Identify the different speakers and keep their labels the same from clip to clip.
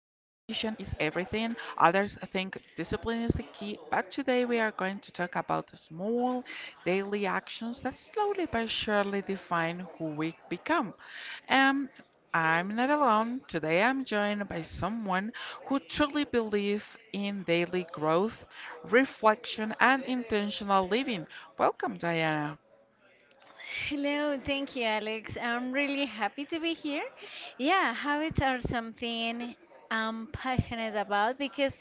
Speaker 1: is everything, others think discipline is the key, but today we are going to talk about the small daily actions that slowly but surely define who we become. Um, I'm not alone. Today I'm joined by someone who truly believes in daily growth, reflection, and intentional living. Welcome, Diana.
Speaker 2: Hello, thank you, Alex. I'm really happy to be here. Yeah, habits are something I'm passionate about because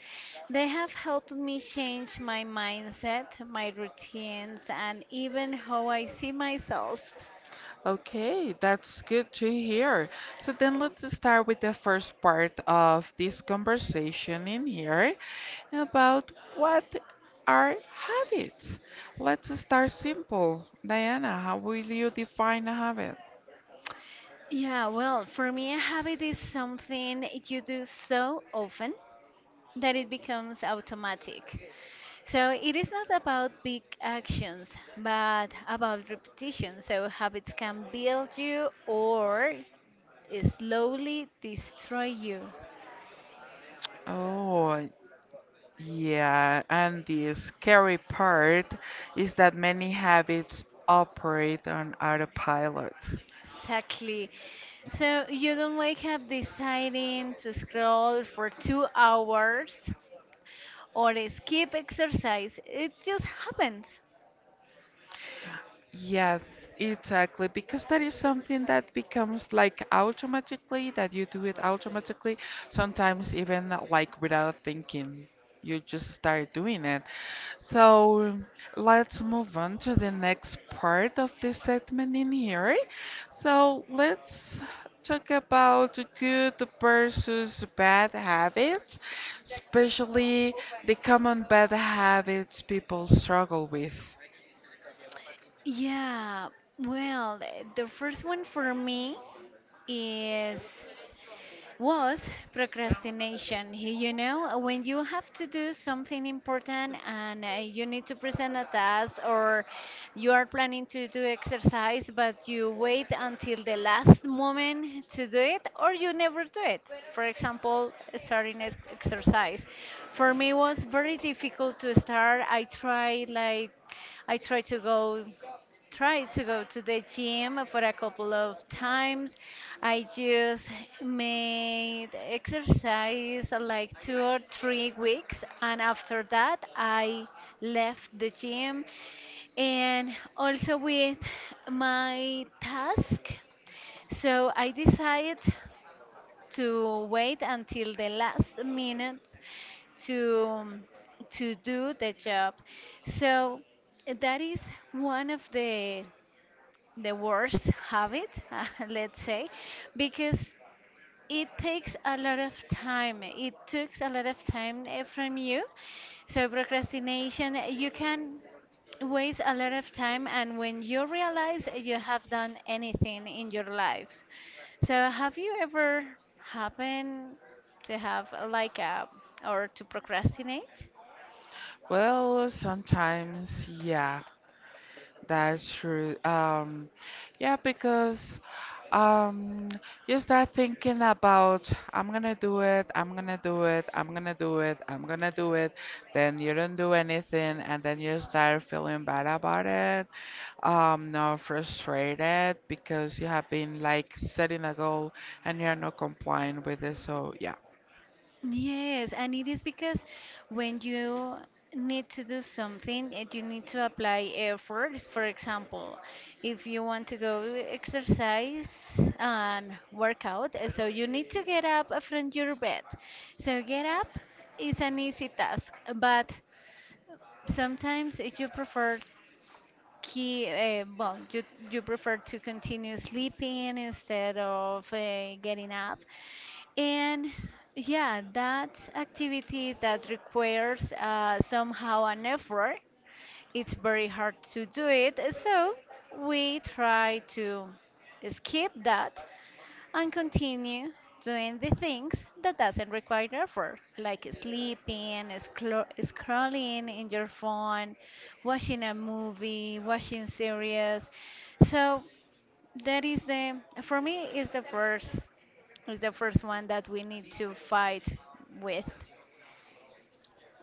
Speaker 2: they have helped me change my mindset, my routines, and even how I see myself.
Speaker 1: Okay, that's good to hear. So then let's start with the first part of this conversation in here about what are habits. Let's start simple. Diana, how will you define a habit?
Speaker 2: Yeah, well, for me, a habit is something you do so often that it becomes automatic. So it is not about big actions, but about repetition. So habits can build you or slowly destroy you.
Speaker 1: Oh, yeah, and the scary part is that many habits operate on autopilot.
Speaker 2: Exactly. So you don't wake up deciding to scroll for 2 hours or skip exercise. It just happens.
Speaker 1: Yeah, exactly. Because that is something that becomes like automatically, that you do it automatically, sometimes even like without thinking. You just start doing it. So let's move on to the next part of this segment in here. So let's talk about good versus bad habits, especially the common bad habits people struggle with.
Speaker 2: Yeah, well, the first one for me is was procrastination. You know, when you have to do something important and you need to present a task or you are planning to do exercise, but you wait until the last moment to do it or you never do it. For example, starting exercise. For me, it was very difficult to start. I tried like I tried to go to the gym for a couple of times. I just made exercise like 2 or 3 weeks, and after that, I left the gym. And also with my task, so I decided to wait until the last minute to to do the job. So that is one of the worst habit, let's say, because it takes a lot of time. It takes a lot of time from you. So procrastination, you can waste a lot of time, and when you realize you have done anything in your lives. So have you ever happened to have like a or to procrastinate?
Speaker 1: Well, sometimes, yeah, that's true. Yeah, because um, you start thinking about I'm gonna do it, I'm gonna do it, I'm gonna do it, I'm gonna do it. Then you don't do anything, and then you start feeling bad about it, not frustrated because you have been like setting a goal and you're not complying with it. So yeah.
Speaker 2: Yes, and it is because when you need to do something, you need to apply effort. For example, if you want to go exercise and work out, so you need to get up from your bed. So get up is an easy task, but sometimes you prefer keep, you prefer to continue sleeping instead of getting up. And yeah, that activity that requires somehow an effort, it's very hard to do it. So we try to skip that and continue doing the things that doesn't require effort, like sleeping, scrolling in your phone, watching a movie, watching series. So that is the, for me, is the first one that we need to fight with,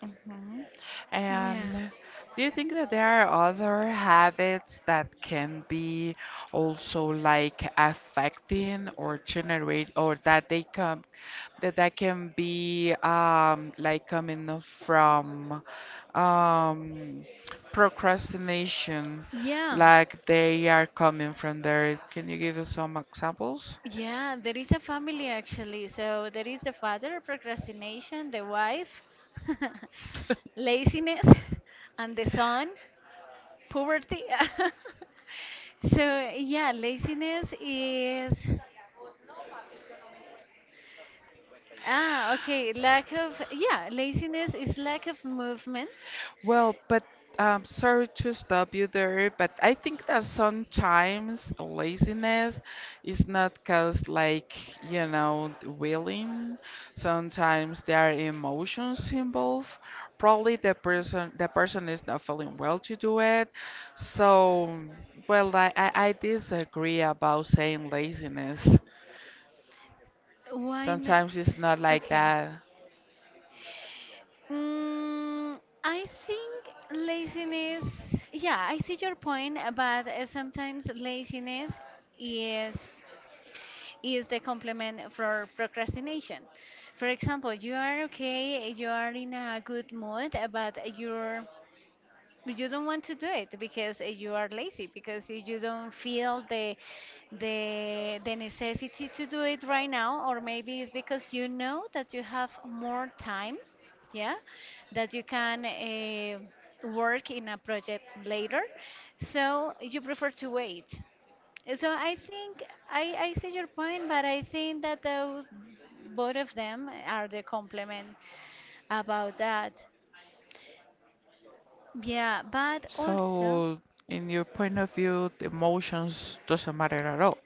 Speaker 1: Mhm.
Speaker 2: yeah,
Speaker 1: And do you think that there are other habits that can be also like affecting or generate or that they come that can be like coming from um procrastination,
Speaker 2: yeah.
Speaker 1: like they are coming from there. Can you give us some examples?
Speaker 2: Yeah, there is a family actually. So there is the father, procrastination, the wife, laziness, and the son, poverty. So yeah, laziness is ah okay, lack of, yeah, laziness is lack of movement.
Speaker 1: Well, but sorry to stop you there, but I think that sometimes laziness is not caused like, willing. Sometimes there are emotions involved. Probably the person is not feeling well to do it. So, well, I disagree about saying laziness.
Speaker 2: Why?
Speaker 1: Sometimes it's not like
Speaker 2: Okay.
Speaker 1: that.
Speaker 2: Mm, I think laziness, yeah, I see your point, but sometimes laziness is is the complement for procrastination. For example, you are okay, you are in a good mood, but you don't want to do it because you are lazy, because you don't feel the the necessity to do it right now, or maybe it's because you know that you have more time, yeah, that you can work in a project later, so you prefer to wait. So I think, I see your point, but I think that the, both of them are the complement about that, yeah, but also.
Speaker 1: So, in your point of view, the emotions doesn't matter at all.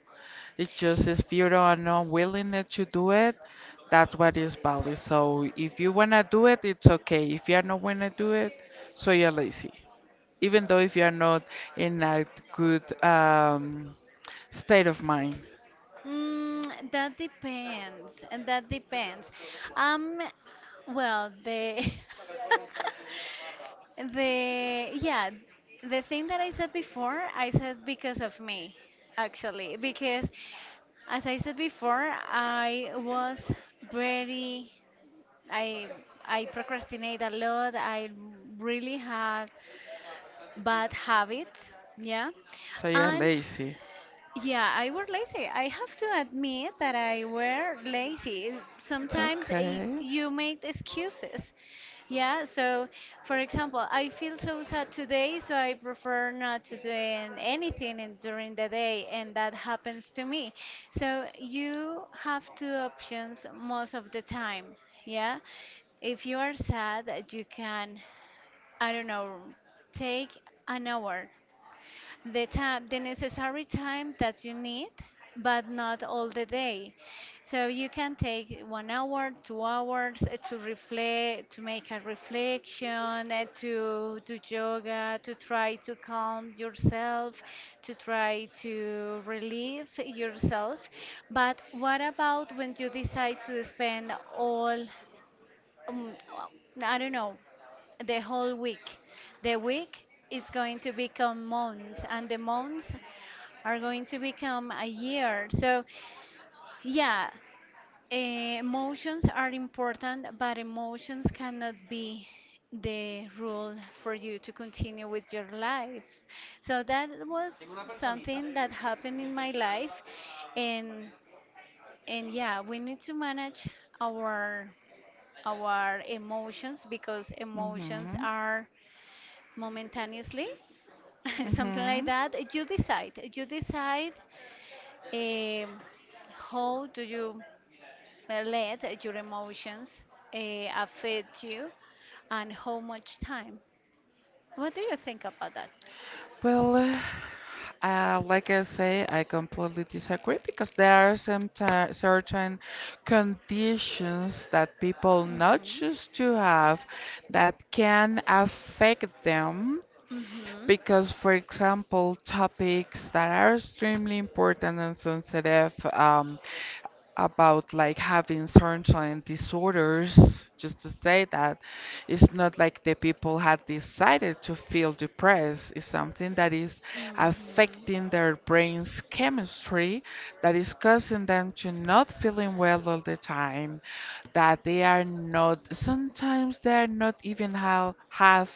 Speaker 1: It's just if you his not or unwillingness to do it. That's what is valid. So if you wanna do it, it's okay. If you are not wanna do it, so you're lazy. Even though if you are not in a good state of mind,
Speaker 2: Mm, that depends. Um, well, the the yeah, the thing that I said before, I said because of me, actually, because as I said before, I was very I I procrastinate a lot. I really had bad habits, yeah,
Speaker 1: so you're
Speaker 2: and
Speaker 1: lazy.
Speaker 2: yeah, I were lazy. I have to admit that I were lazy. Sometimes
Speaker 1: Okay.
Speaker 2: you make excuses. Yeah, so for example, I feel so sad today, so I prefer not to do anything in, during the day, and that happens to me. So you have two options most of the time. Yeah, if you are sad, you can, I don't know, take an hour, the necessary time that you need, but not all the day. So you can take 1 hour, 2 hours, to reflect, to make a reflection, to do yoga, to try to calm yourself, to try to relieve yourself. But what about when you decide to spend all, um, I don't know, the whole week. The week is going to become months, and the months are going to become a year. So, yeah, emotions are important, but emotions cannot be the rule for you to continue with your lives. So that was something that happened in my life, and and yeah, we need to manage our our emotions because emotions are momentaneously, something like that. You decide. You decide um, how do you let your emotions affect you and how much time. What do you think about that?
Speaker 1: Well, like I say, I completely disagree because there are some certain conditions that people not
Speaker 2: Mhm.
Speaker 1: choose to have that can affect them
Speaker 2: Mhm.
Speaker 1: because, for example, topics that are extremely important and sensitive, about like having certain disorders, just to say that it's not like the people had decided to feel depressed. It's something that is
Speaker 2: Mhm.
Speaker 1: affecting their brain's chemistry that is causing them to not feeling well all the time, that they are not, sometimes they are not even how, have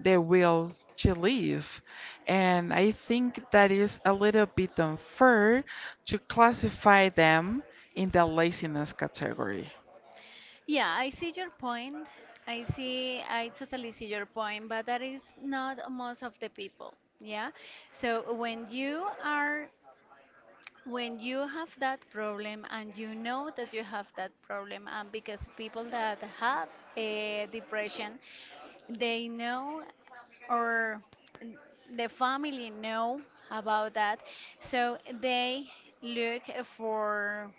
Speaker 1: the will to leave. And I think that is a little bit unfair to classify them in the laziness category.
Speaker 2: Yeah, I see your point. I see, I totally see your point, but that is not most of the people. Yeah. So when you are, when you have that problem and you know that you have that problem, and because people that have a depression, they know, or the family know about that, so they look for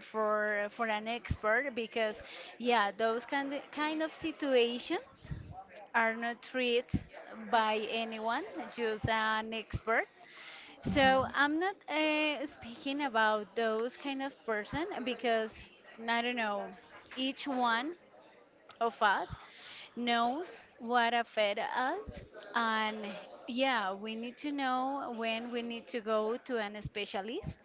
Speaker 2: for for an expert, because yeah, those kind of situations are not treated by anyone, just an expert. So I'm not speaking about those kind of person because I don't know, each one of us knows what affect us. And yeah, we need to know when we need to go to an specialist,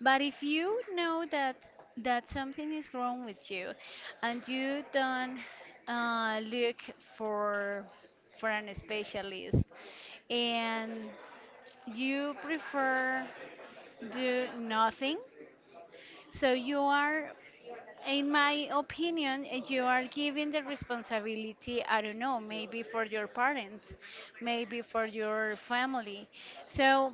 Speaker 2: but if you know that that something is wrong with you and you don't look for for an specialist, and you prefer do nothing, so you are, in my opinion, you are giving the responsibility, I don't know, maybe for your parents, maybe for your family. So,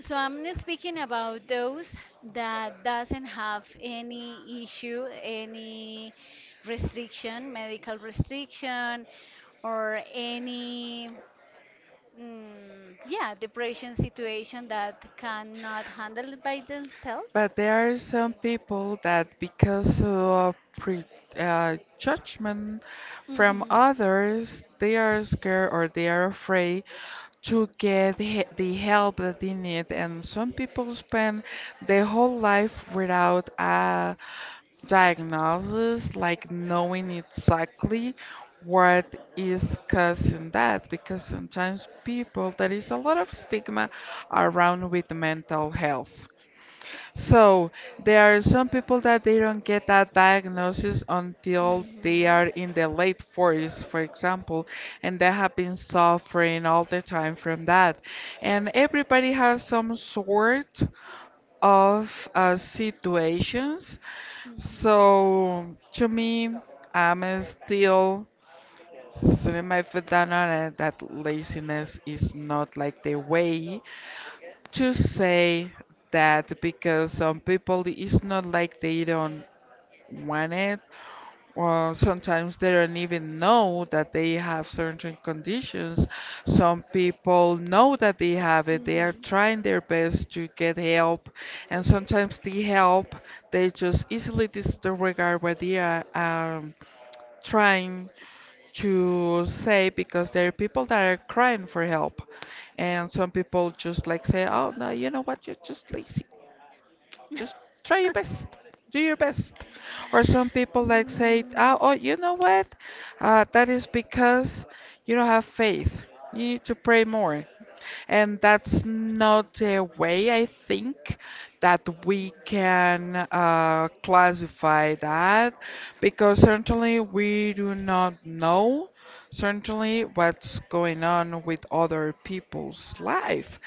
Speaker 2: so I'm not speaking about those that doesn't have any issue, any restriction, medical restriction, or any mm, yeah, depression situation that cannot handle it by themselves.
Speaker 1: But there are some people that, because of pre judgment from
Speaker 2: Mhm.
Speaker 1: others, they are scared or they are afraid to get the help that they need. And some people spend their whole life without a diagnosis, like knowing exactly what is causing that, because sometimes people, there is a lot of stigma around with mental health. So there are some people that they don't get that diagnosis until they are in the late 40s, for example, and they have been suffering all the time from that. And everybody has some sort of situations. So to me, I'm still setting my foot down on it that laziness is not like the way to say that because some people it's not like they don't wanted. Well, sometimes they don't even know that they have certain conditions. Some people know that they have it. They are trying their best to get help, and sometimes the help they just easily disregard what they are trying to say because there are people that are crying for help and some people just like say, oh no, you know what, you're just lazy, just try your best. Do your best. Or some people like say, oh, you know what? That is because you don't have faith. You need to pray more. And that's not a way, I think, that we can classify that, because certainly we do not know certainly what's going on with other people's life.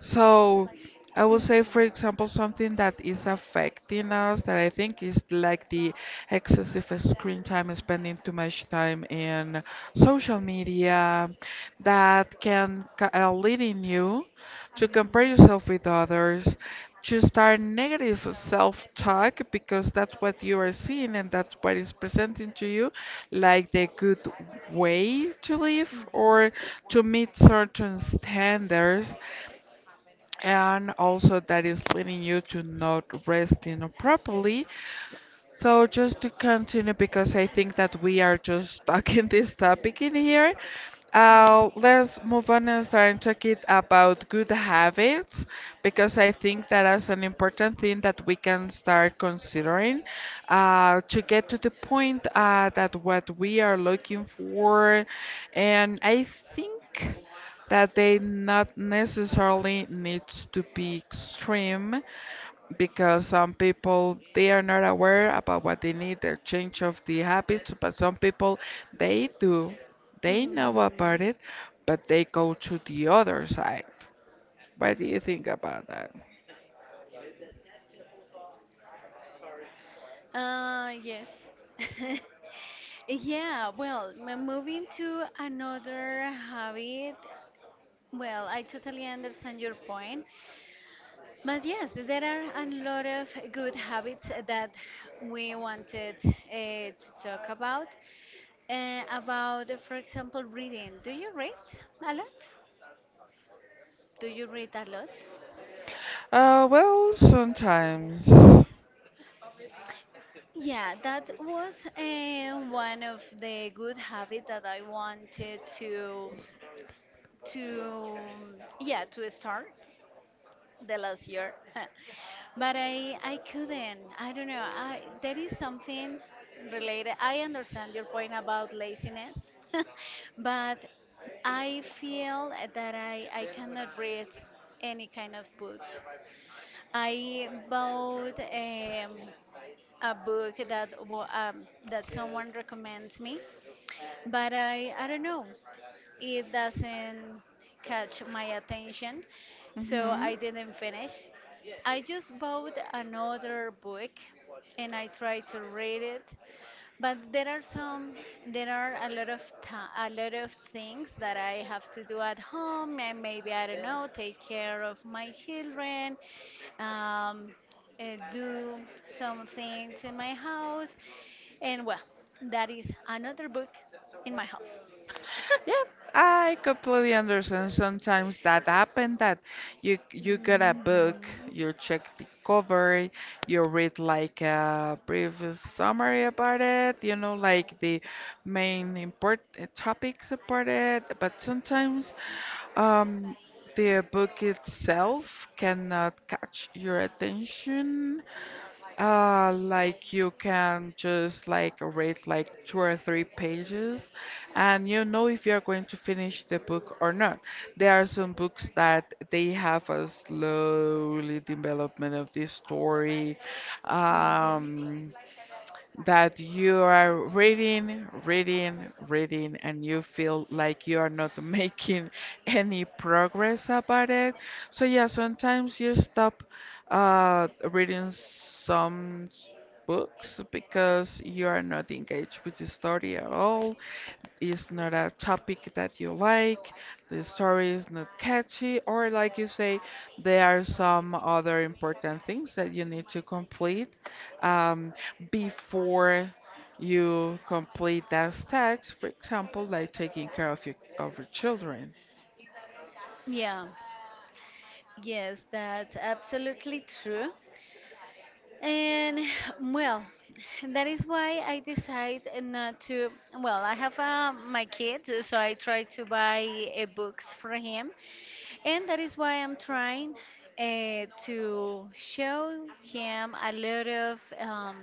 Speaker 1: So I would say, for example, something that is affecting us that I think is like the excessive screen time, spending too much time in social media, that can leading you to compare yourself with others, to start negative self-talk because that's what you are seeing and that's what is presenting to you like the good way to live or to meet certain standards, and also that is leading you to not resting properly. So just to continue, because I think that we are just stuck in this topic in here. Let's move on and start talking about good habits, because I think that is an important thing that we can start considering, to get to the point, that what we are looking for. And I think that they not necessarily needs to be extreme, because some people they are not aware about what they need their change of the habits, but some people they do, they know about it, but they go to the other side. What do you think about that?
Speaker 2: Yes. Yeah, well, moving to another habit. Well, I totally understand your point. But yes, there are a lot of good habits that we wanted to talk about. For example, reading. A lot? Do you read a lot?
Speaker 1: Well, sometimes.
Speaker 2: Yeah, that was one of the good habits that I wanted to yeah to start the last year. but I couldn't. I don't know. I There is something related. I understand your point about laziness, but I feel that I cannot read any kind of books. I bought a book that that someone recommends me, but I don't know, it doesn't catch my attention, so I didn't finish. I just bought another book and I tried to read it, but there are a lot of a lot of things that I have to do at home, and maybe, I don't know, take care of my children, um, do some things in my house, and well, that is another book in my house.
Speaker 1: Yeah, I completely understand. Sometimes that happen that you get a book,
Speaker 2: Mhm.
Speaker 1: you check the cover, you read like a brief summary about it, like the main important topics about it. But sometimes um, the book itself cannot catch your attention, like you can just like read like two or three pages and you know if you're going to finish the book or not. There are some books that they have a slowly development of the story.
Speaker 2: Mhm.
Speaker 1: Um, that you are reading, reading, reading, and you feel like you are not making any progress about it. So, yeah, sometimes you stop reading some books because you are not engaged with the story at all, is not a topic that you like, the story is not catchy, or like you say, there are some other important things that you need to complete, um, before you complete that task, for example, like taking care of your children.
Speaker 2: Yeah, yes, that's absolutely true. And well, that is why I decide not to. Well, I have my kid, so I try to buy books for him. And that is why I'm trying to show him a lot of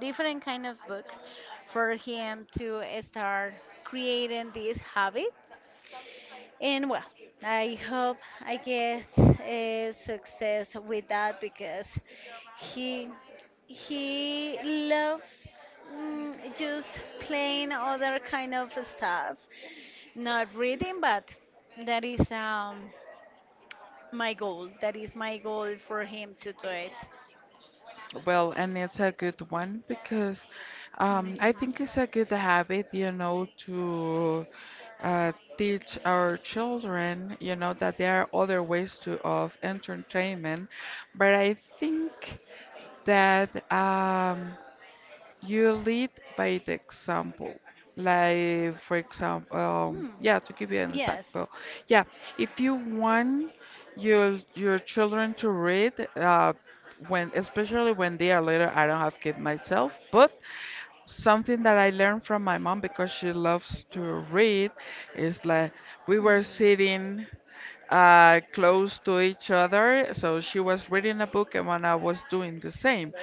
Speaker 2: different kind of books for him to start creating these habits. And well, I hope I get success with that, because he he loves mm, just playing other kind of stuff, not reading, but that is my goal. That is my goal for him to do it.
Speaker 1: Well, and it's a good one because,
Speaker 2: You know, he-
Speaker 1: I think it's a good habit, to teach our children, that there are other ways to of entertainment. But I think that, you lead by the example. Like, for example,
Speaker 2: Hmm.
Speaker 1: yeah, to give you an
Speaker 2: Yes.
Speaker 1: example, yeah, if you want your children to read, when especially when they are little, I don't have kids myself, but something that I learned from my mom because she loves to read is like we were
Speaker 2: Mhm.
Speaker 1: sitting close to each other. So she was reading a book, and when I was doing the same.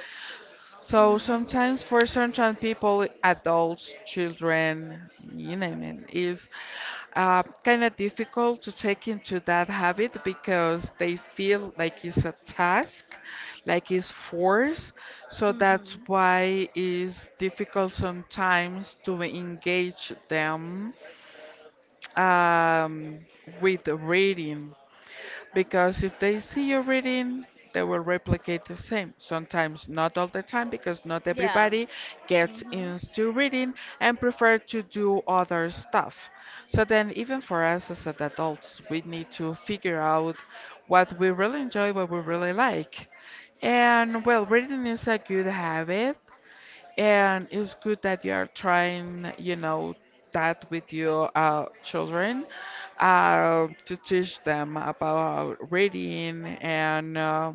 Speaker 1: So sometimes for certain people, adults, children, you name it, is kind of difficult to take into that habit because they feel like it's a task, like it's force. So that's
Speaker 2: Mhm.
Speaker 1: why it's difficult
Speaker 2: Mhm.
Speaker 1: sometimes to engage them, um, with the reading. Because if
Speaker 2: basically
Speaker 1: they see you
Speaker 2: everything
Speaker 1: reading, they will replicate the same. Sometimes, not all the time, because not
Speaker 2: Yeah.
Speaker 1: everybody gets
Speaker 2: Mhm.
Speaker 1: into reading and prefer to do other stuff. So then, even for us as adults, we need to figure out what we really enjoy, what we really like. And well, reading is a good habit. And it's good that you are trying, that with your children, to teach them about reading and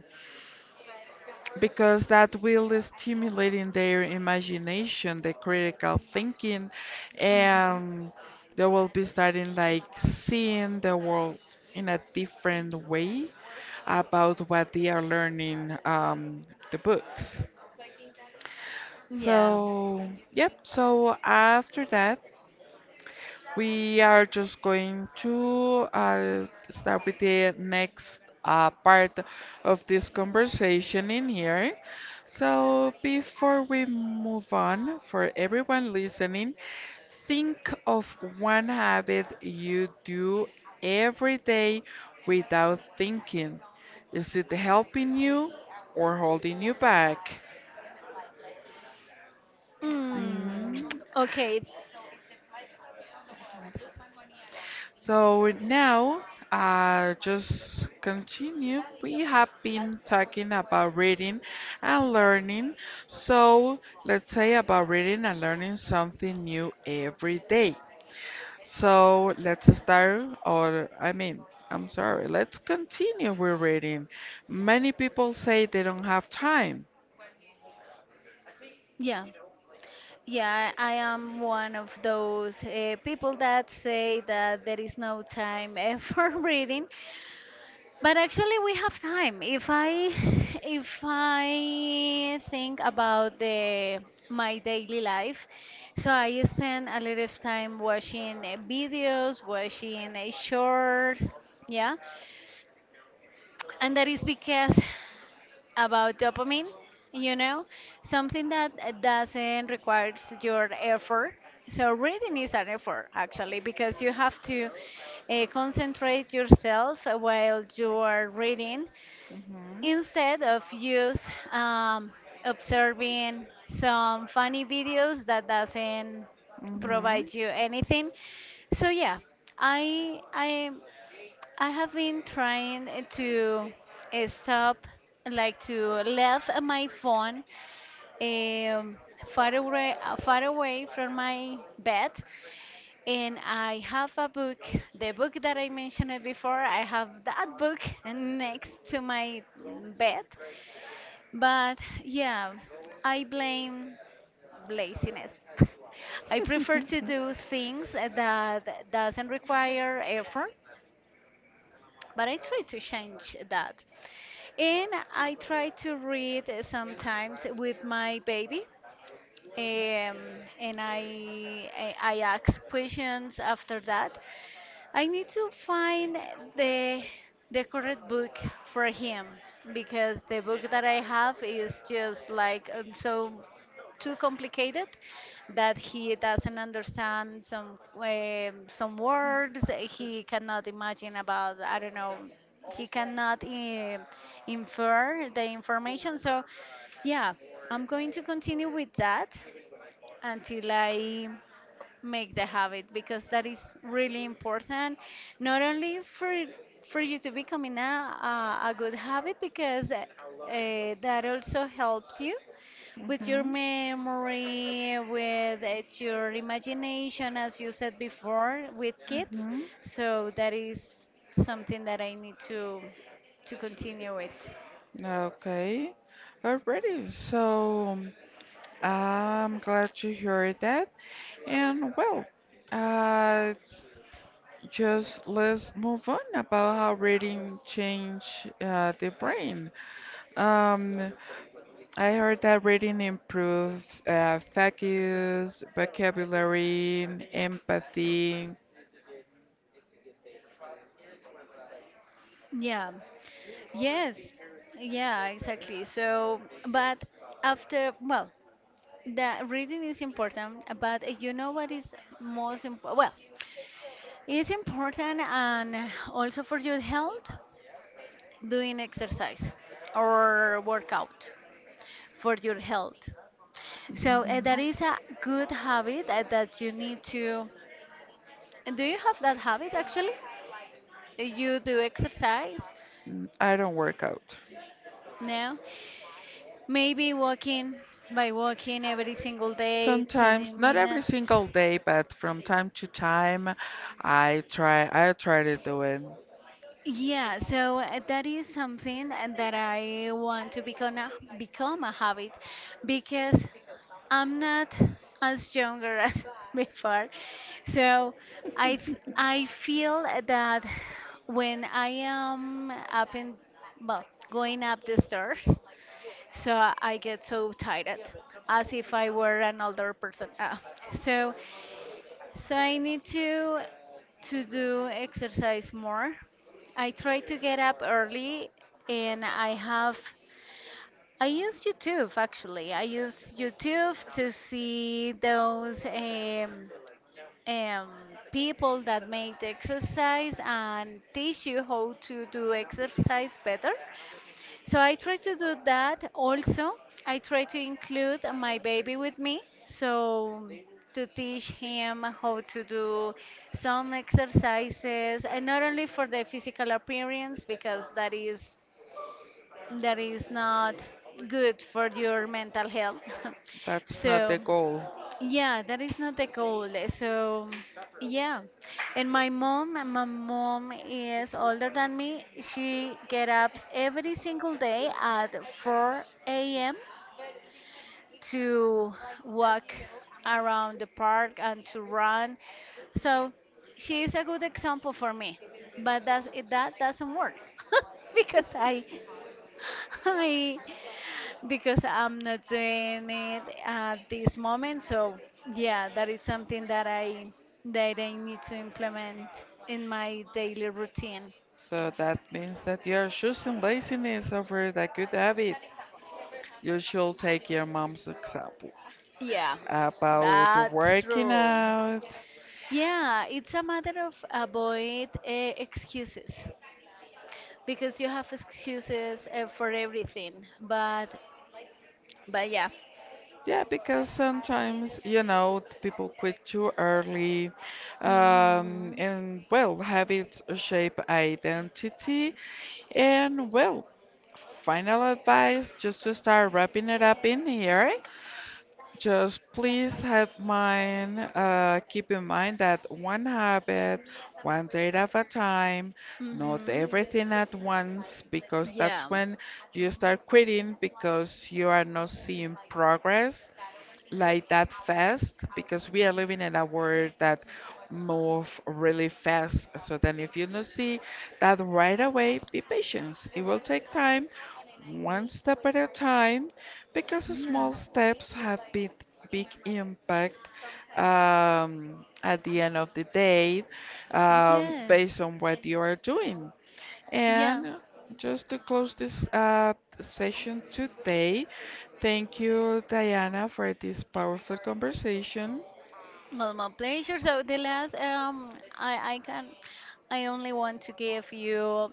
Speaker 1: because that will stimulate in their imagination, the critical thinking,
Speaker 2: Mhm.
Speaker 1: and they will be starting like seeing the world in a different way about what they are learning, the books.
Speaker 2: And Yeah.
Speaker 1: So, yep. So after that, we are just going to start with the next part of this conversation in here. So before we move on, for everyone listening, think of one habit you do every day without thinking. Is it helping you or holding you back?
Speaker 2: Mm.
Speaker 1: Mm.
Speaker 2: Okay. it's-
Speaker 1: So now, just continue. We have been talking about reading and learning. So let's say about reading and learning something new every day. So let's start, or I mean, I'm sorry, let's continue with reading. Many people say they don't have time.
Speaker 2: Yeah. Yeah, I am one of those people that say that there is no time for reading. But actually, we have time. If I think about the my daily life, so I spend a lot of time watching videos, watching shorts, yeah, and that is because about dopamine, you know, something that doesn't requires your effort. So reading is an effort actually, because you have to concentrate yourself while you are reading,
Speaker 1: Mhm. Instead.
Speaker 2: instead of just um, observing some funny videos that doesn't
Speaker 1: Mhm.
Speaker 2: provide you anything. So yeah, i i I have been trying to stop, like to leave my phone um, far away, from my bed. And I have a book, the book that I mentioned before, I have that book next to my mm, bed. But yeah, I blame laziness. I prefer to do things that doesn't require effort, but I try to change that. And I try to read sometimes with my baby. Um, and I ask questions after that. I need to find the the correct book for him because the book that I have is just like too complicated that he doesn't understand some words he cannot imagine about I don't know. He cannot infer the information, so yeah, I'm going to continue with that until I make the habit, because that is really important. Not only for you to become in a good habit, because that also helps you with your
Speaker 1: Mhm.
Speaker 2: memory, with your imagination, as you said before, with kids. So that is something that I need to continue with.
Speaker 1: Mhm. Okay. Alrighty. So I'm glad to hear that. And, well, uh, just let's move on about how reading change the brain. Um, I heard that reading improves focus, vocabulary, empathy.
Speaker 2: Yeah. Yes. Yeah, exactly. So, but after, well, the reading is important, but you know what is most important? Well, it's important, and also for your health, doing exercise or workout for your health. So that is a good habit that you need to. Do you have that habit actually? You do exercise?
Speaker 1: Mm, I don't work out.
Speaker 2: No? Maybe walking by walking every single day,
Speaker 1: Sometimes,
Speaker 2: 10
Speaker 1: not every
Speaker 2: minutes.
Speaker 1: single day, but from time to time, I try. I try to do it.
Speaker 2: Yeah, so that is something that I want to become become a habit, because I'm not as younger as before. So I feel that when I am up in, well, going up the stairs, so I get so tired as if I were an older person. So I need to do exercise more. I try to get up early, and I use YouTube actually. I use YouTube to see those um, people that make the exercise and teach you how to do exercise better. So I try to do that also. I try to include my baby with me. So to teach him how to do some exercises, and not only for the physical appearance, because that is not good for your mental health.
Speaker 1: That's not
Speaker 2: So
Speaker 1: the goal.
Speaker 2: yeah, that is not the goal. So, yeah. And my mom, is older than me. She get up every single day at 4 a.m. to walk around the park and to run. So, she is a good example for me. But that's, that doesn't work because I because I'm not doing it at this moment. So yeah, that is something that I need to implement in my daily routine.
Speaker 1: So that means that you're choosing laziness over the good habit. You should take your mom's example.
Speaker 2: Yeah,
Speaker 1: About
Speaker 2: that's
Speaker 1: working
Speaker 2: true.
Speaker 1: out.
Speaker 2: Yeah, it's a matter of avoid excuses, because you have excuses for everything. But yeah.
Speaker 1: Yeah, because sometimes, people quit too early.
Speaker 2: Mhm,
Speaker 1: And, well, habits shape identity. And, well, final advice just to start wrapping it up in here. Just please have mind, keep in mind that one habit, one day at a time, not
Speaker 2: mhm,
Speaker 1: everything at once, because
Speaker 2: yeah,
Speaker 1: that's when you start quitting because you are not seeing progress like that fast because we are living in a world that move really fast. So then if you don't see that right away, be patient. It will take time, one step at a time, because
Speaker 2: yeah.
Speaker 1: small steps have big impact, at the end of the day,
Speaker 2: Yes,
Speaker 1: based on what you are doing.
Speaker 2: yeah,
Speaker 1: And just to close this session today, thank you, Diana, for this powerful conversation.
Speaker 2: not my pleasure. So the last, I only want to give you,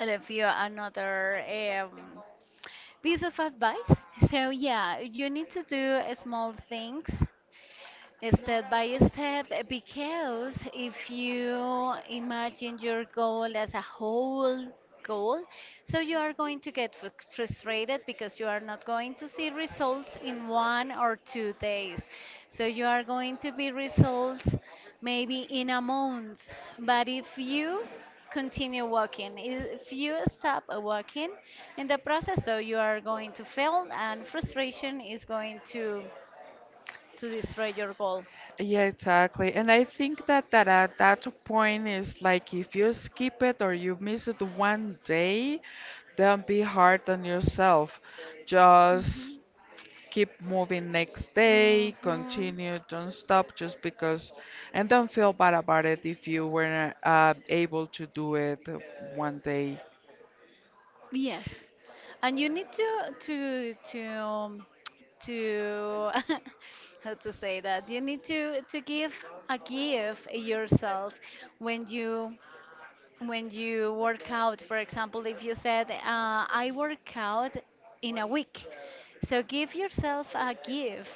Speaker 2: I love you, another piece of advice. So yeah, you need to do small things step by step, eh, because if you imagine your goal as a whole goal, so you are going to get frustrated because you are not going to see results in 1 or 2 days. So you are going to be results maybe in a month. But if you continue walking, if you stop walking in the process, so you are going to fail, and frustration is going to destroy your goal.
Speaker 1: Yeah, exactly. And I think that at that point is like if you skip it or you miss it one day, don't be hard on yourself. Just
Speaker 2: Mhm.
Speaker 1: keep moving next day,
Speaker 2: Mhm.
Speaker 1: continue, don't stop just because, and don't feel bad about it if you weren't able to do it one day.
Speaker 2: Yes, and you need to to how to say that, you need to give a gift yourself when you, when you work out. For example, if you said, I work out in a week, so give yourself a gift.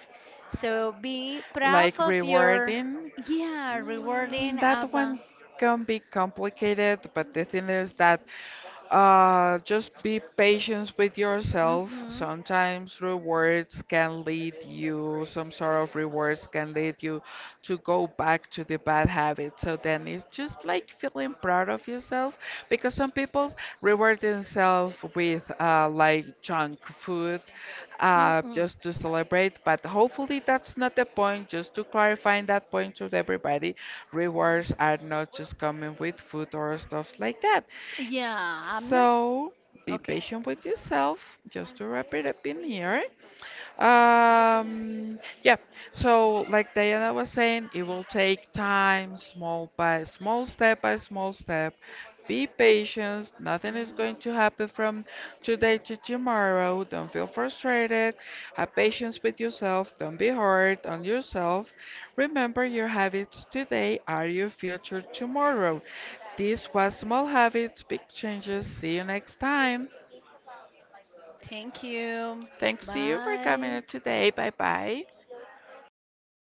Speaker 2: So be proud
Speaker 1: Like
Speaker 2: of your,
Speaker 1: rewarding.
Speaker 2: yeah, rewarding
Speaker 1: Mm, that
Speaker 2: about.
Speaker 1: one can be complicated, but the thing is that, just be patient with yourself.
Speaker 2: Hmm.
Speaker 1: Sometimes rewards can lead you, some sort of rewards can lead you to go back to the bad habit. So then it's just like feeling proud of yourself, because some people reward themselves with, like junk food,
Speaker 2: Mm-mm.
Speaker 1: just to celebrate. But hopefully that's not the point. Just to clarify that point to everybody, rewards are not just coming with food or stuff like that.
Speaker 2: Yeah, I'm not.
Speaker 1: So be
Speaker 2: Okay.
Speaker 1: patient with yourself. Just to wrap it up in here. Yeah, so like Diana was saying, it will take time, small by small, step by small step. Be patient, nothing is going to happen from today to tomorrow. Don't feel frustrated. Have patience with yourself, don't be hard on yourself. Remember, your habits today are your future tomorrow. This was Small Habits, Big Changes. See you next time.
Speaker 2: Thank you.
Speaker 1: Thanks to you for coming
Speaker 2: Bye.
Speaker 1: in today. Bye bye.